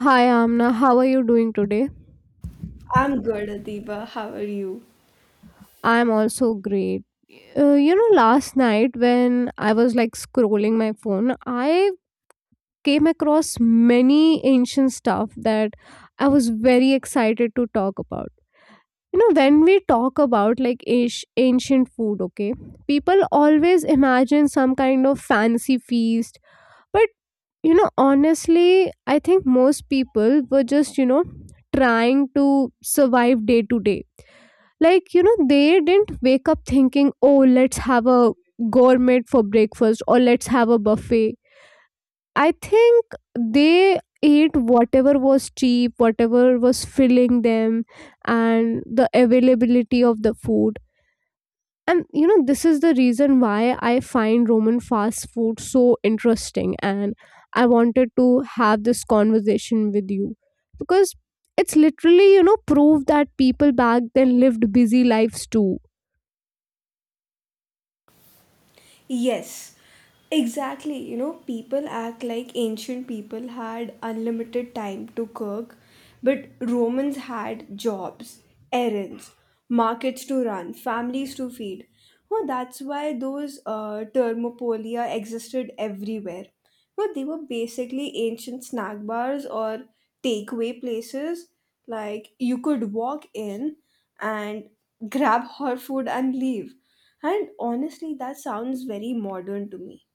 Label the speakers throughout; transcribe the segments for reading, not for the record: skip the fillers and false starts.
Speaker 1: Hi Amna, how are you doing today?
Speaker 2: I'm good, Atiba. How are you?
Speaker 1: I'm also great. Last night when I was scrolling my phone, I came across many ancient stuff that I was very excited to talk about. You know, when we talk about like ancient food, okay, people always imagine some kind of fancy feast. But honestly, I think most people were just, trying to survive day to day. Like, they didn't wake up thinking, oh, let's have a gourmet for breakfast or let's have a buffet. I think they ate whatever was cheap, whatever was filling them, and the availability of the food. And you know, this is the reason why I find Roman fast food so interesting. And I wanted to have this conversation with you because it's literally proof that people back then lived busy lives too.
Speaker 2: Yes, exactly. You know, people act like ancient people had unlimited time to cook, but Romans had jobs, errands, markets to run, families to feed. Well, that's why those thermopolia existed everywhere. Well, they were basically ancient snack bars or takeaway places. Like you could walk in and grab hot food and leave. And honestly, that sounds very modern to me.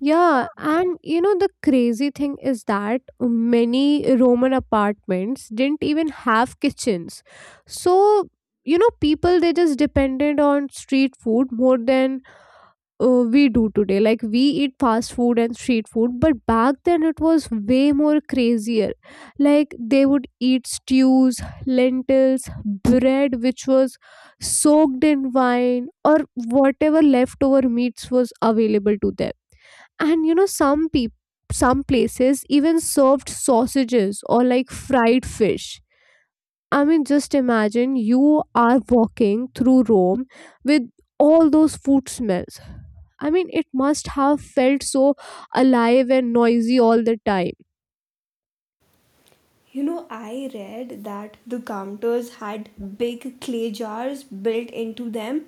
Speaker 1: Yeah, and you know, the crazy thing is that many Roman apartments didn't even have kitchens. So, you know, people they just depended on street food more than we do today. Like, we eat fast food and street food, but back then it was way more crazier. Like, they would eat stews, lentils, bread, which was soaked in wine, or whatever leftover meats was available to them. And you know, some people, some places even served sausages or like fried fish. I mean, just imagine you are walking through Rome with all those food smells. I mean, it must have felt so alive and noisy all the time.
Speaker 2: You know, I read that the counters had big clay jars built into them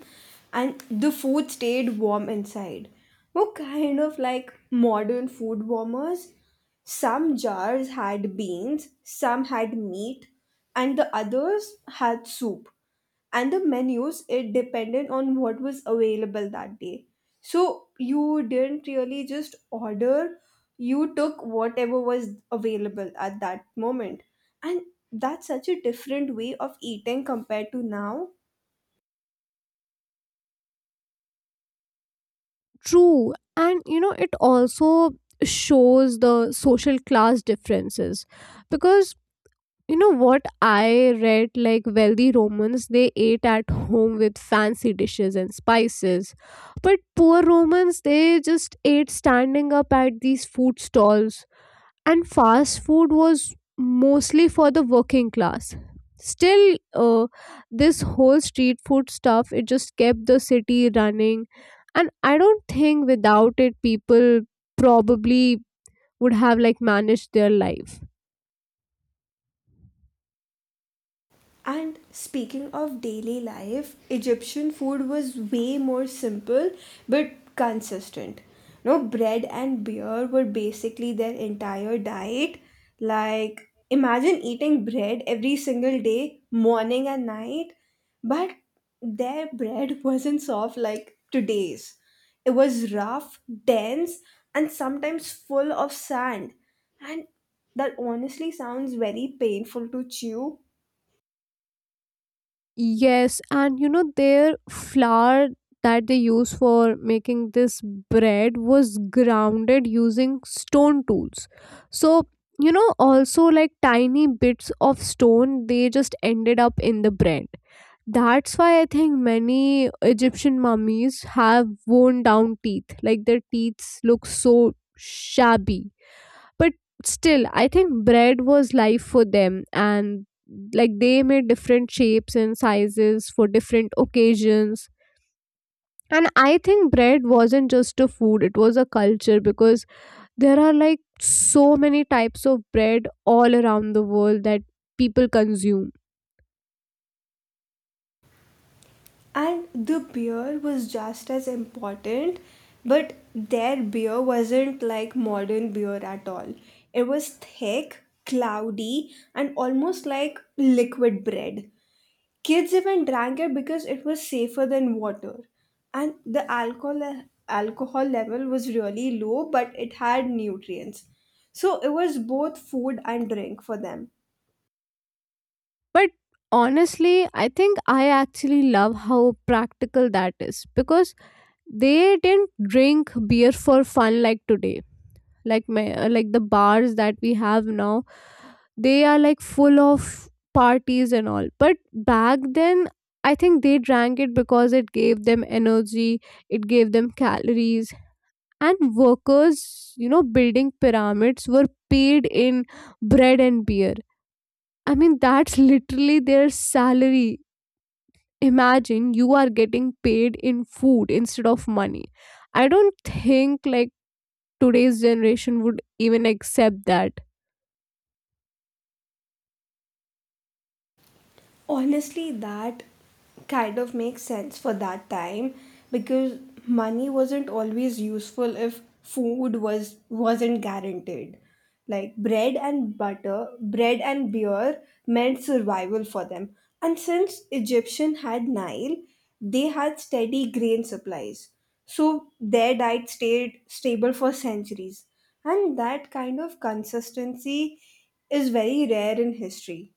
Speaker 2: and the food stayed warm inside. Were kind of like modern food warmers. Some jars had beans, some had meat, and the others had soup. And the menus, it depended on what was available that day, so you didn't really just order. You took whatever was available at that moment. And that's such a different way of eating compared to now.
Speaker 1: True. And you know, it also shows the social class differences because, you know, what I read, like wealthy Romans, they ate at home with fancy dishes and spices, but poor Romans, they just ate standing up at these food stalls, and fast food was mostly for the working class. Still, uh, this whole street food stuff, it just kept the city running, and I don't think without it people probably would have like managed their life.
Speaker 2: And speaking of daily life, Egyptian food was way more simple but consistent. No, bread and beer were basically their entire diet. Like imagine eating bread every single day, morning and night, but their bread wasn't soft like today's. It was rough, dense, and sometimes full of sand. And that honestly sounds very painful to chew.
Speaker 1: Yes, and you know, their flour that they use for making this bread was grounded using stone tools. So, you know, also like tiny bits of stone, they just ended up in the bread. That's why I think many Egyptian mummies have worn down teeth. Like their teeth look so shabby, but still I think bread was life for them, and like they made different shapes and sizes for different occasions. And I think bread wasn't just a food, it was a culture, because there are like so many types of bread all around the world that people consume.
Speaker 2: And the beer was just as important, but their beer wasn't like modern beer at all. It was thick, cloudy, and almost like liquid bread. Kids even drank it because it was safer than water. And the alcohol level was really low, but it had nutrients. So it was both food and drink for them.
Speaker 1: But honestly, I think I actually love how practical that is, because they didn't drink beer for fun like today. Like the bars that we have now, they are like full of parties and all, but back then I think they drank it because it gave them energy, it gave them calories. And workers, you know, building pyramids were paid in bread and beer. I mean, that's literally their salary. Imagine you are getting paid in food instead of money. I don't think today's generation would even accept that.
Speaker 2: Honestly, that kind of makes sense for that time because money wasn't always useful if food was wasn't guaranteed. Like bread and butter, bread and beer meant survival for them. And since Egyptian had Nile, they had steady grain supplies. So their diet stayed stable for centuries. And that kind of consistency is very rare in history.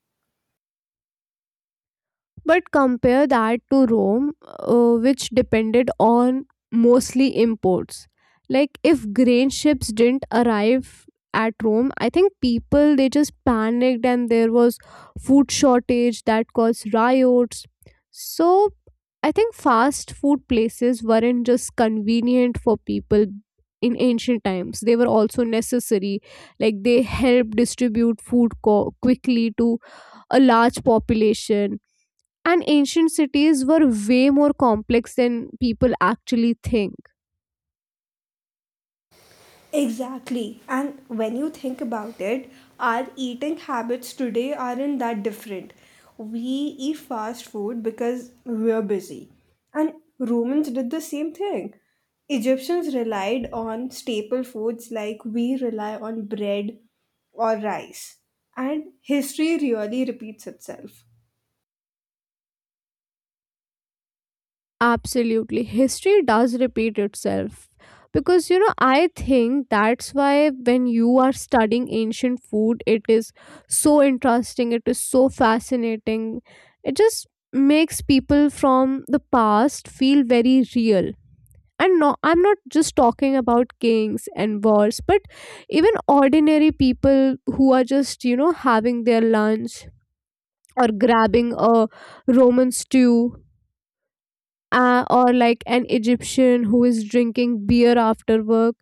Speaker 1: But compare that to Rome, which depended on mostly imports. Like if grain ships didn't arrive at Rome, I think people, they just panicked, and there was food shortage that caused riots. So I think fast food places weren't just convenient for people in ancient times. They were also necessary. Like they helped distribute food quickly to a large population, and ancient cities were way more complex than people actually think.
Speaker 2: Exactly. And when you think about it, our eating habits today aren't that different. We eat fast food because we're busy. And Romans did the same thing. Egyptians relied on staple foods like we rely on bread or rice. And history really repeats itself.
Speaker 1: Absolutely. History does repeat itself. Because, you know, I think that's why when you are studying ancient food, it is so interesting, it is so fascinating. It just makes people from the past feel very real. And no, I'm not just talking about kings and wars, but even ordinary people who are just, you know, having their lunch or grabbing a Roman stew, or like an Egyptian who is drinking beer after work.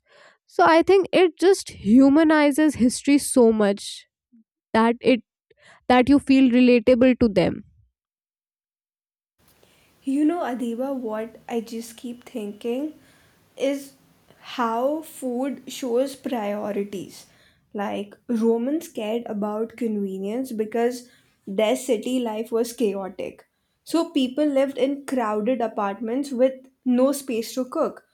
Speaker 1: So I think it just humanizes history so much that it that you feel relatable to them.
Speaker 2: You know, Adiba, what I just keep thinking is how food shows priorities. Like, Romans cared about convenience because their city life was chaotic. So people lived in crowded apartments with no space to cook.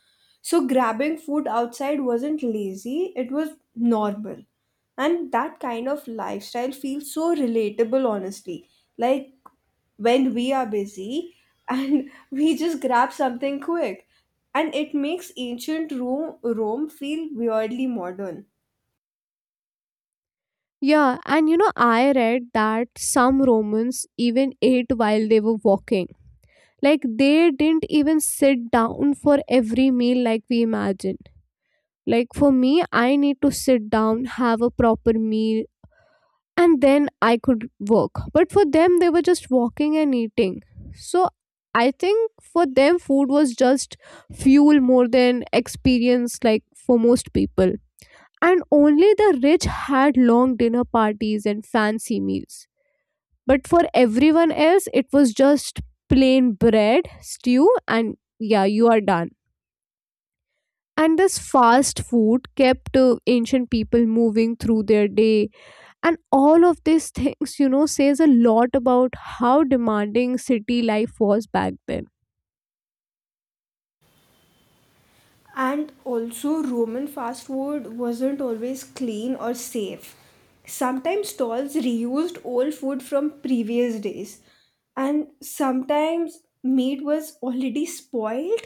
Speaker 2: So grabbing food outside wasn't lazy, it was normal. And that kind of lifestyle feels so relatable, honestly. Like, when we are busy and we just grab something quick. And it makes ancient Rome feel weirdly modern.
Speaker 1: Yeah, and you know, I read that some Romans even ate while they were walking. Like, they didn't even sit down for every meal like we imagine. Like for me, I need to sit down, have a proper meal, and then I could work. But for them, they were just walking and eating. So I think for them, food was just fuel more than experience, like for most people. And only the rich had long dinner parties and fancy meals. But for everyone else, it was just plain bread, stew, and yeah, you are done. And this fast food kept ancient people moving through their day, and all of these things, you know, says a lot about how demanding city life was back then.
Speaker 2: And also, Roman fast food wasn't always clean or safe. Sometimes stalls reused old food from previous days, and sometimes meat was already spoiled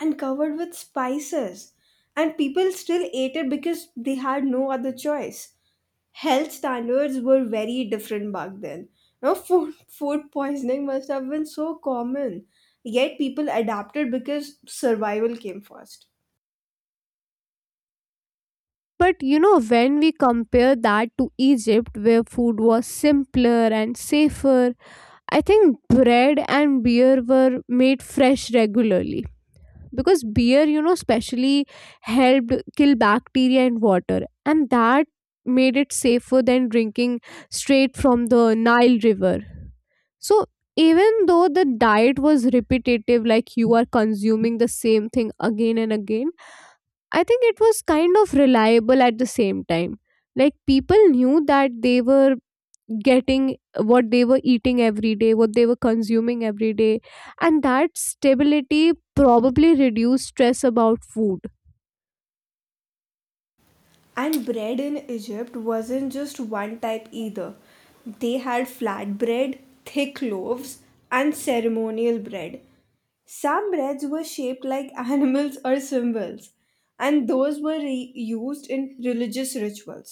Speaker 2: and covered with spices, and people still ate it because they had no other choice. Health standards were very different back then. Now, food, food poisoning must have been so common, yet people adapted because survival came first.
Speaker 1: But you know, when we compare that to Egypt, where food was simpler and safer, I think bread and beer were made fresh regularly because beer, you know, specially helped kill bacteria in water, and that made it safer than drinking straight from the Nile River. So, even though the diet was repetitive, like you are consuming the same thing again and again, I think it was kind of reliable at the same time. Like people knew that they were getting what they were eating every day, what they were consuming every day, and that stability probably reduced stress about food.
Speaker 2: And bread in Egypt wasn't just one type either. They had flat bread, thick loaves, and ceremonial bread. Some breads were shaped like animals or symbols, and those were used in religious rituals.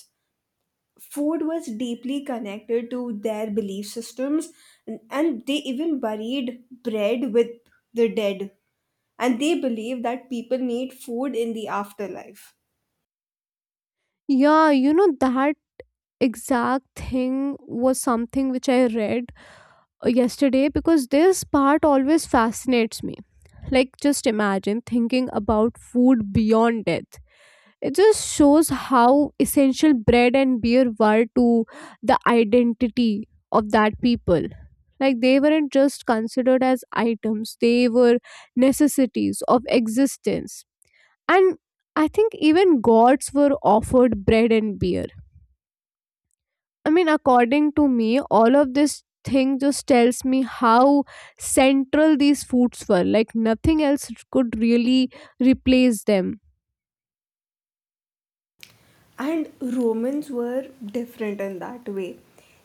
Speaker 2: Food was deeply connected to their belief systems, and they even buried bread with the dead, and they believe that people need food in the afterlife.
Speaker 1: Yeah, you know, that exact thing was something which I read yesterday, because this part always fascinates me. Like, just imagine thinking about food beyond death. It just shows how essential bread and beer were to the identity of that people. Like they weren't just considered as items, they were necessities of existence. And I think even gods were offered bread and beer. I mean, according to me, all of this thing just tells me how central these foods were. Like nothing else could really replace them.
Speaker 2: And Romans were different in that way.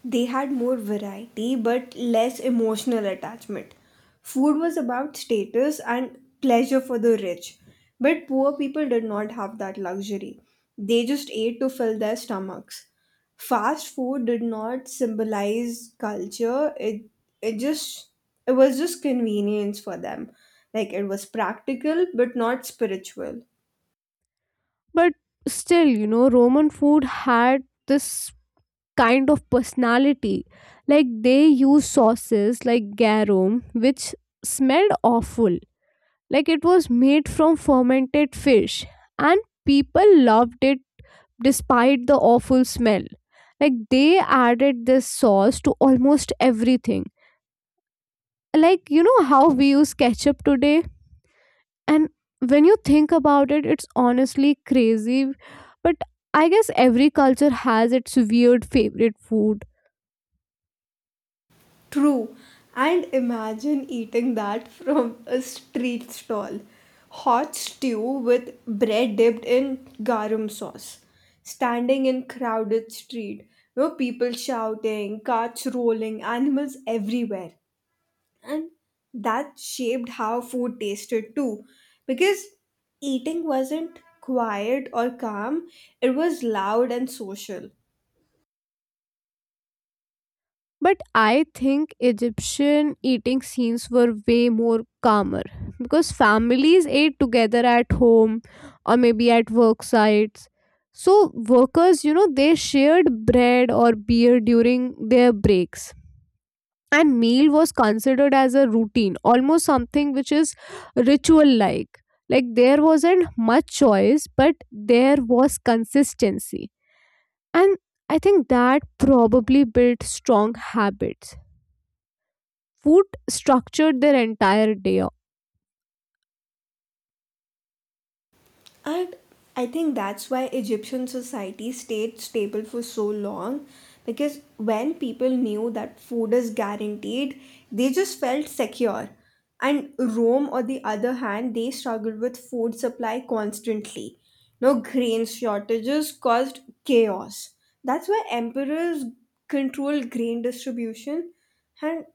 Speaker 2: They had more variety but less emotional attachment. Food was about status and pleasure for the rich, but poor people did not have that luxury. They just ate to fill their stomachs. Fast food did not symbolize culture. It just it was just convenience for them. Like it was practical but not spiritual.
Speaker 1: But still, you know, Roman food had this kind of personality. Like they used sauces like garum, which smelled awful. Like it was made from fermented fish. And people loved it despite the awful smell. Like they added this sauce to almost everything. Like, you know how we use ketchup today? And when you think about it, it's honestly crazy. But I guess every culture has its weird favorite food.
Speaker 2: True. And imagine eating that from a street stall. Hot stew with bread dipped in garam sauce. Standing in crowded street. No, people shouting, carts rolling, animals everywhere. And that shaped how food tasted too. Because eating wasn't quiet or calm, it was loud and social.
Speaker 1: But I think Egyptian eating scenes were way more calmer because families ate together at home or maybe at work sites. So, workers, you know, they shared bread or beer during their breaks. And meal was considered as a routine, almost something which is ritual. Like there wasn't much choice, but there was consistency, and I think that probably built strong habits. Food structured their entire day.
Speaker 2: And I think that's why Egyptian society stayed stable for so long, because when people knew that food is guaranteed, they just felt secure. And Rome, on the other hand, they struggled with food supply constantly. No, grain shortages caused chaos. That's why emperors controlled grain distribution, and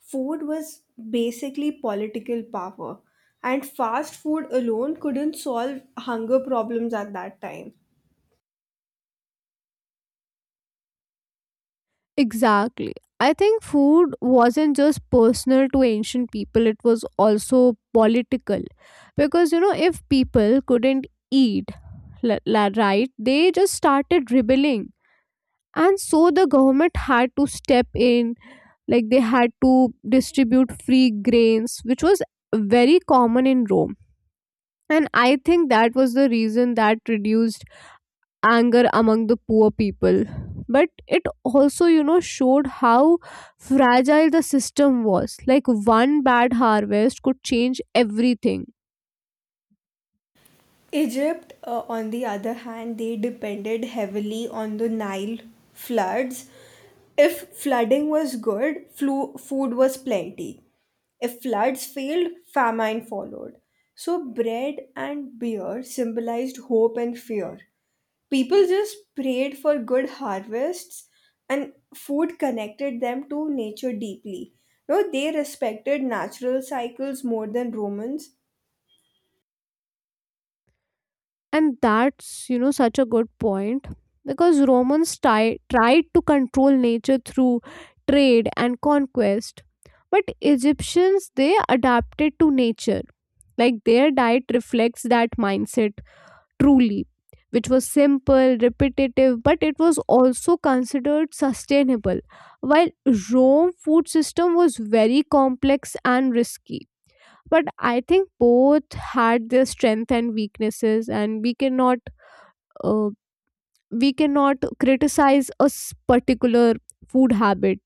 Speaker 2: food was basically political power, and fast food alone couldn't solve hunger problems at that time.
Speaker 1: Exactly. I think food wasn't just personal to ancient people, it was also political, because you know, if people couldn't eat, right, they just started rebelling, and so the government had to step in. Like they had to distribute free grains, which was very common in Rome. And I think that was the reason that reduced anger among the poor people. But it also, you know, showed how fragile the system was. Like one bad harvest could change everything.
Speaker 2: Egypt, on the other hand, they depended heavily on the Nile floods. If flooding was good, food was plenty. If floods failed, famine followed. So bread and beer symbolized hope and fear. People just prayed for good harvests, and food connected them to nature deeply. No, they respected natural cycles more than Romans.
Speaker 1: And that's, you know, such a good point, because Romans tried to control nature through trade and conquest, but Egyptians, they adapted to nature. Like their diet reflects that mindset, truly, which was simple, repetitive, but it was also considered sustainable, while Rome food system was very complex and risky. But I think both had their strength and weaknesses, and we cannot, uh, we cannot criticize a particular food habit.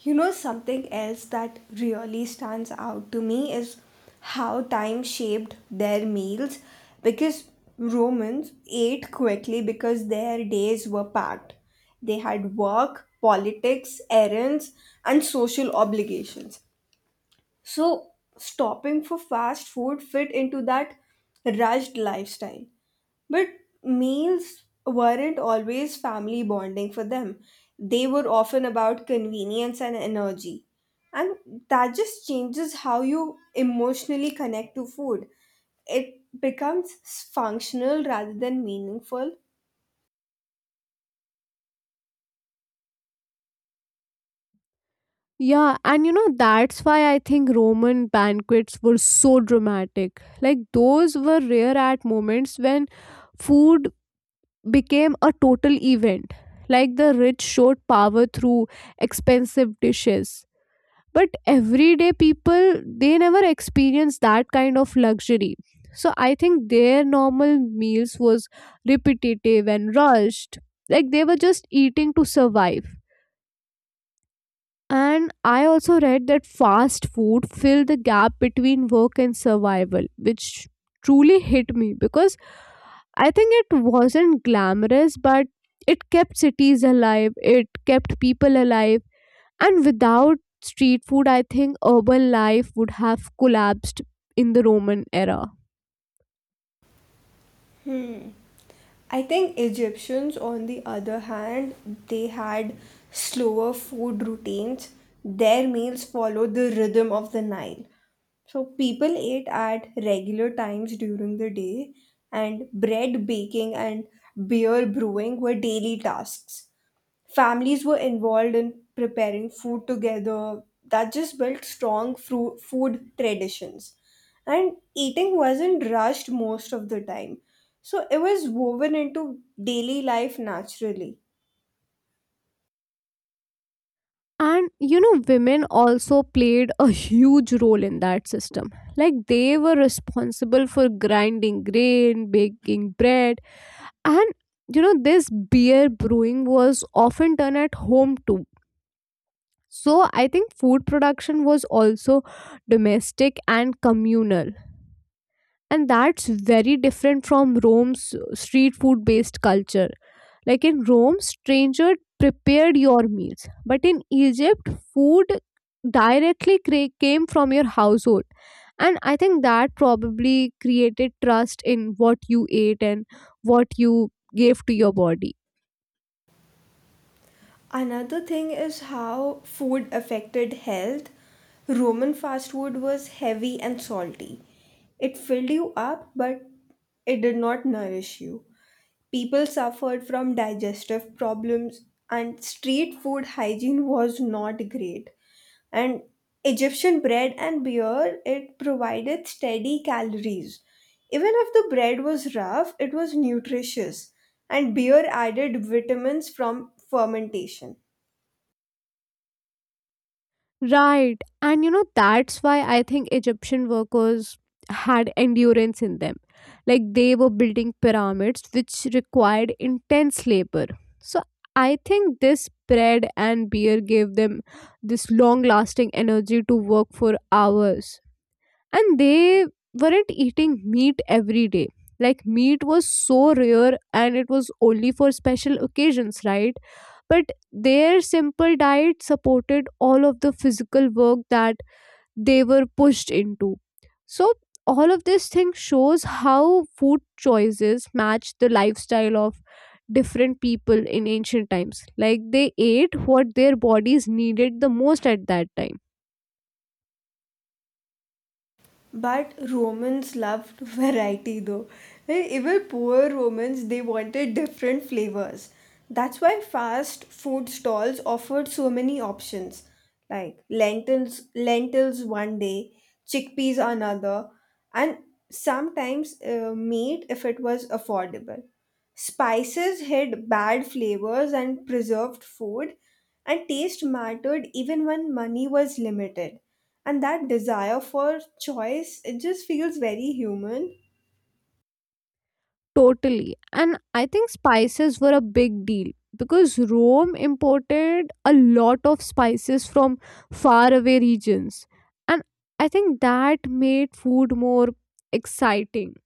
Speaker 2: You know, something else that really stands out to me is how time shaped their meals, because Romans ate quickly because their days were packed. They had work, politics, errands, and social obligations. So stopping for fast food fit into that rushed lifestyle. But meals weren't always family bonding for them, they were often about convenience and energy. And that just changes how you emotionally connect to food. It becomes functional rather than meaningful.
Speaker 1: Yeah, and you know, that's why I think Roman banquets were so dramatic. Like, those were rare at moments when food became a total event. Like, the rich showed power through expensive dishes, but everyday people, they never experience that kind of luxury. So I think their normal meals was repetitive and rushed, like they were just eating to survive. And I also read that fast food filled the gap between work and survival, which truly hit me, because I think it wasn't glamorous, but it kept cities alive, it kept people alive. And without street food, I think urban life would have collapsed in the Roman era.
Speaker 2: I think Egyptians, on the other hand, they had slower food routines. Their meals followed the rhythm of the Nile. So people ate at regular times during the day, and bread baking and beer brewing were daily tasks. Families were involved in preparing food together. That just built strong food traditions. And eating wasn't rushed most of the time. So it was woven into daily life naturally.
Speaker 1: And you know, women also played a huge role in that system. Like they were responsible for grinding grain, baking bread, and you know, this beer brewing was often done at home too. So I think food production was also domestic and communal. And that's very different from Rome's street food based culture. Like in Rome, stranger prepared your meals. But in Egypt, food directly came from your household. And I think that probably created trust in what you ate and what you gave to your body.
Speaker 2: Another thing is how food affected health. Roman fast food was heavy and salty. It filled you up, but it did not nourish you. People suffered from digestive problems, and street food hygiene was not great. And Egyptian bread and beer, it provided steady calories. Even if the bread was rough, it was nutritious, and beer added vitamins from fermentation.
Speaker 1: Right. And you know, that's why I think Egyptian workers had endurance in them. Like they were building pyramids, which required intense labor. So I think this bread and beer gave them this long lasting energy to work for hours, and they weren't eating meat every day. Like meat was so rare and it was only for special occasions, right? But their simple diet supported all of the physical work that they were pushed into. So all of this thing shows how food choices match the lifestyle of different people in ancient times, like they ate what their bodies needed the most at that time.
Speaker 2: But Romans loved variety though. Even poor Romans, they wanted different flavors. That's why fast food stalls offered so many options like lentils one day, chickpeas another, and sometimes meat if it was affordable. Spices hid bad flavors and preserved food, and taste mattered even when money was limited. And that desire for choice, it just feels very human.
Speaker 1: Totally. And I think spices were a big deal because Rome imported a lot of spices from faraway regions. And I think that made food more exciting.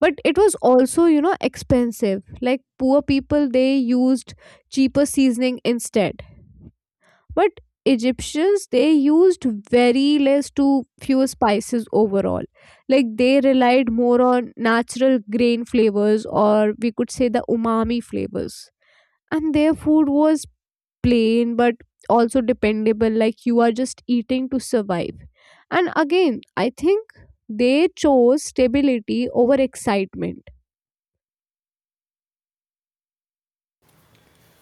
Speaker 1: But it was also, expensive. Like poor people, they used cheaper seasoning instead, but egyptians, they used very less to few spices overall. Like they relied more on natural grain flavors, or we could say the umami flavors. And their food was plain but also dependable, like you are just eating to survive. And again, I think they chose stability over excitement.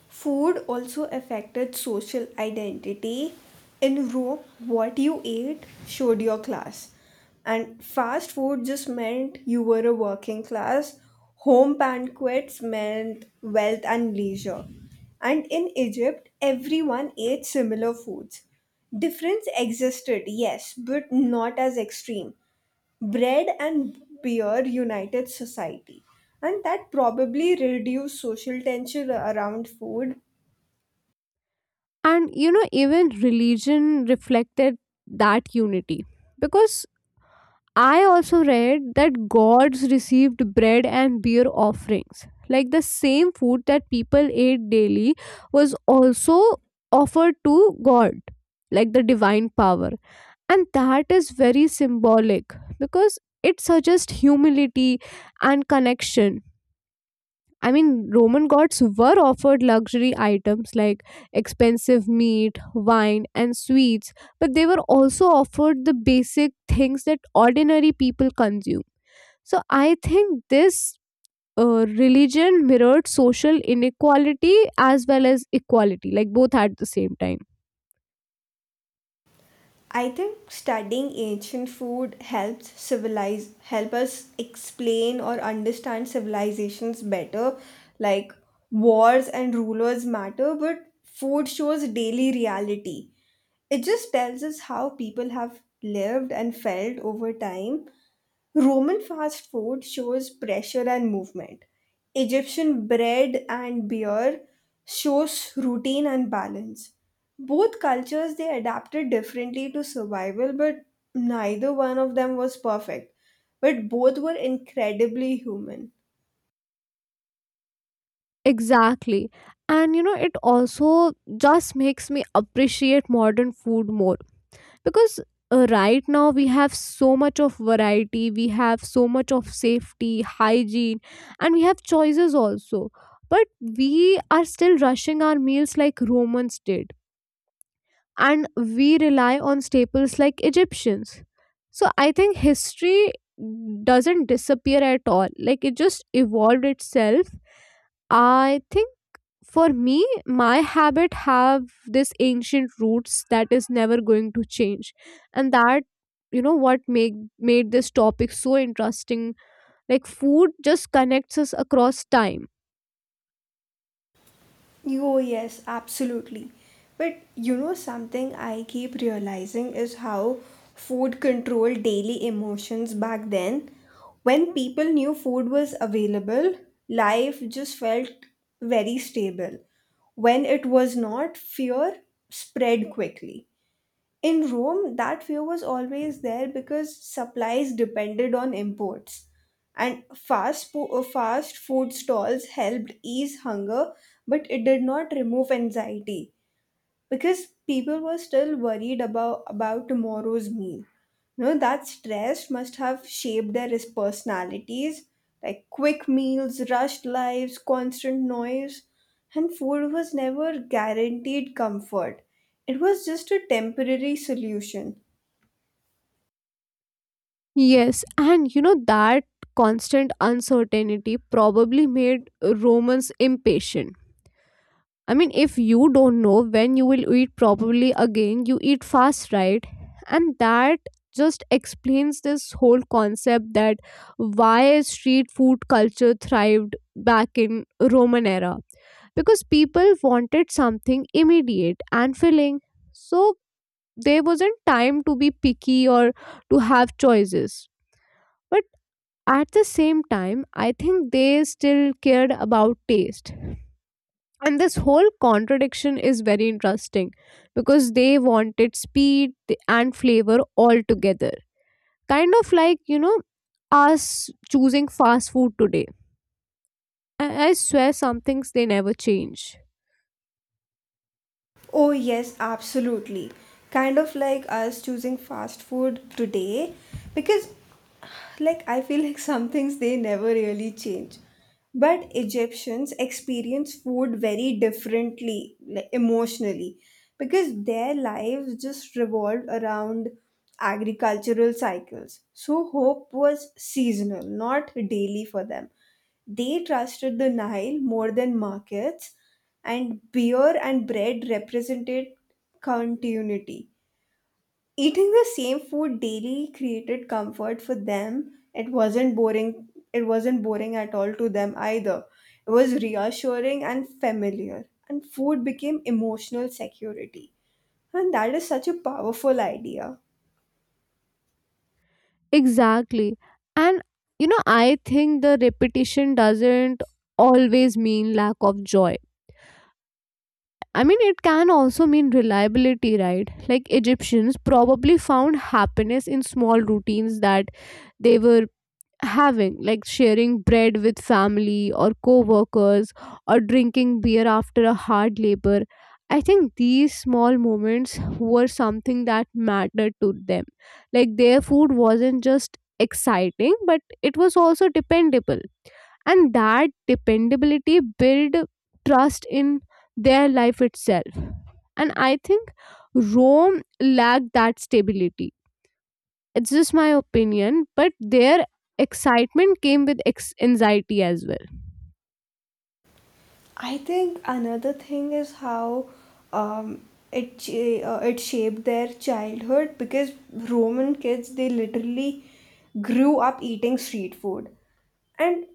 Speaker 2: Food also affected social identity. In Rome, what you ate showed your class. And fast food just meant you were a working class. Home banquets meant wealth and leisure. And in Egypt, everyone ate similar foods. Difference existed, yes, but not as extreme. Bread and beer united society, and that probably reduced social tension around food.
Speaker 1: And you know, even religion reflected that unity, because I also read that gods received bread and beer offerings. Like the same food that people ate daily was also offered to God, like the divine power. And that is very symbolic because it suggests humility and connection. I mean, Roman gods were offered luxury items like expensive meat, wine, and sweets, but they were also offered the basic things that ordinary people consume. So I think this religion mirrored social inequality as well as equality, like both at the same time.
Speaker 2: I think studying ancient food helps civilize help us explain or understand civilizations better. Like wars and rulers matter, but food shows daily reality. It just tells us how people have lived and felt over time. Roman fast food shows pressure and movement. Egyptian bread and beer shows routine and balance. Both cultures they adapted differently to survival, but neither one of them was perfect. But both were incredibly human.
Speaker 1: Exactly. And you know, it also just makes me appreciate modern food more, because right now we have so much of variety, we have so much of safety, hygiene, and we have choices also. But we are still rushing our meals like Romans did, and we rely on staples like Egyptians. So I think history doesn't disappear at all, like it just evolved itself. I think for me, my habit have this ancient roots that is never going to change. And that, you know what, make made this topic so interesting. Like food just connects us across time.
Speaker 2: Oh, yes, absolutely. But you know, something I keep realizing is how food controlled daily emotions back then. When people knew food was available, life just felt very stable. When it was not, fear spread quickly. In Rome, that fear was always there because supplies depended on imports. And fast food stalls helped ease hunger, but it did not remove anxiety because people were still worried about tomorrow's meal. You know, that stress must have shaped their personalities. Like quick meals, rushed lives, constant noise, and food was never guaranteed comfort. It was just a temporary solution.
Speaker 1: Yes, and you know that constant uncertainty probably made romans impatient. I mean, if you don't know when you will eat properly again, you eat fast, right? And that just explains this whole concept that why street food culture thrived back in Roman era, because people wanted something immediate and filling. So there wasn't time to be picky or to have choices. But at the same time, I think they still cared about taste, and this whole contradiction is very interesting, because they wanted speed and flavor all together. Kind of like, you know, us choosing fast food today. I swear some things they never change.
Speaker 2: Oh, yes, absolutely. Kind of like us choosing fast food today, because like I feel like some things they never really change. But Egyptians experience food very differently, like emotionally, because their lives just revolved around agricultural cycles. So hope was seasonal, not daily for them. They trusted the Nile more than markets, and beer and bread represented continuity. Eating the same food daily created comfort for them. It wasn't boring. It wasn't boring at all to them either. It was reassuring and familiar. And food became emotional security. And that is such a powerful idea.
Speaker 1: Exactly. And you know, I think the repetition doesn't always mean lack of joy. I mean, it can also mean reliability, right? Like egyptians probably found happiness in small routines that they were having, like sharing bread with family or co-workers, or drinking beer after a hard labor. I think these small moments were something that mattered to them. Like their food wasn't just exciting, but it was also dependable. And that dependability built trust in their life itself. And I think rome lacked that stability. It's just my opinion, but their excitement came with anxiety as well.
Speaker 2: I think another thing is how um, it it shaped their childhood, because Roman kids they literally grew up eating street food, and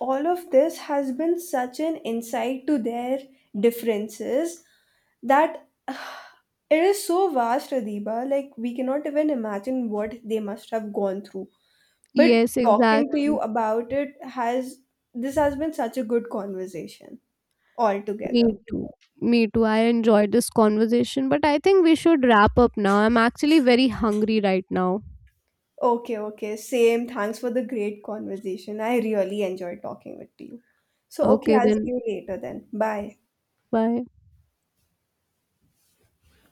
Speaker 2: all of this has been such an insight to their differences that it is so vast, Adiba. Like we cannot even imagine what they must have gone through. But
Speaker 1: Yes,
Speaker 2: talking to
Speaker 1: exactly.
Speaker 2: you about it, has this has been such a good conversation
Speaker 1: Me
Speaker 2: altogether.
Speaker 1: too. Me too. I enjoyed this conversation, but I think we should wrap up now. I'm actually very hungry right now.
Speaker 2: Okay, okay. Same. Thanks for the great conversation. I really enjoyed talking with you. So, okay,
Speaker 1: Okay,
Speaker 2: I'll see
Speaker 1: then
Speaker 2: you later then. Bye.
Speaker 1: bye.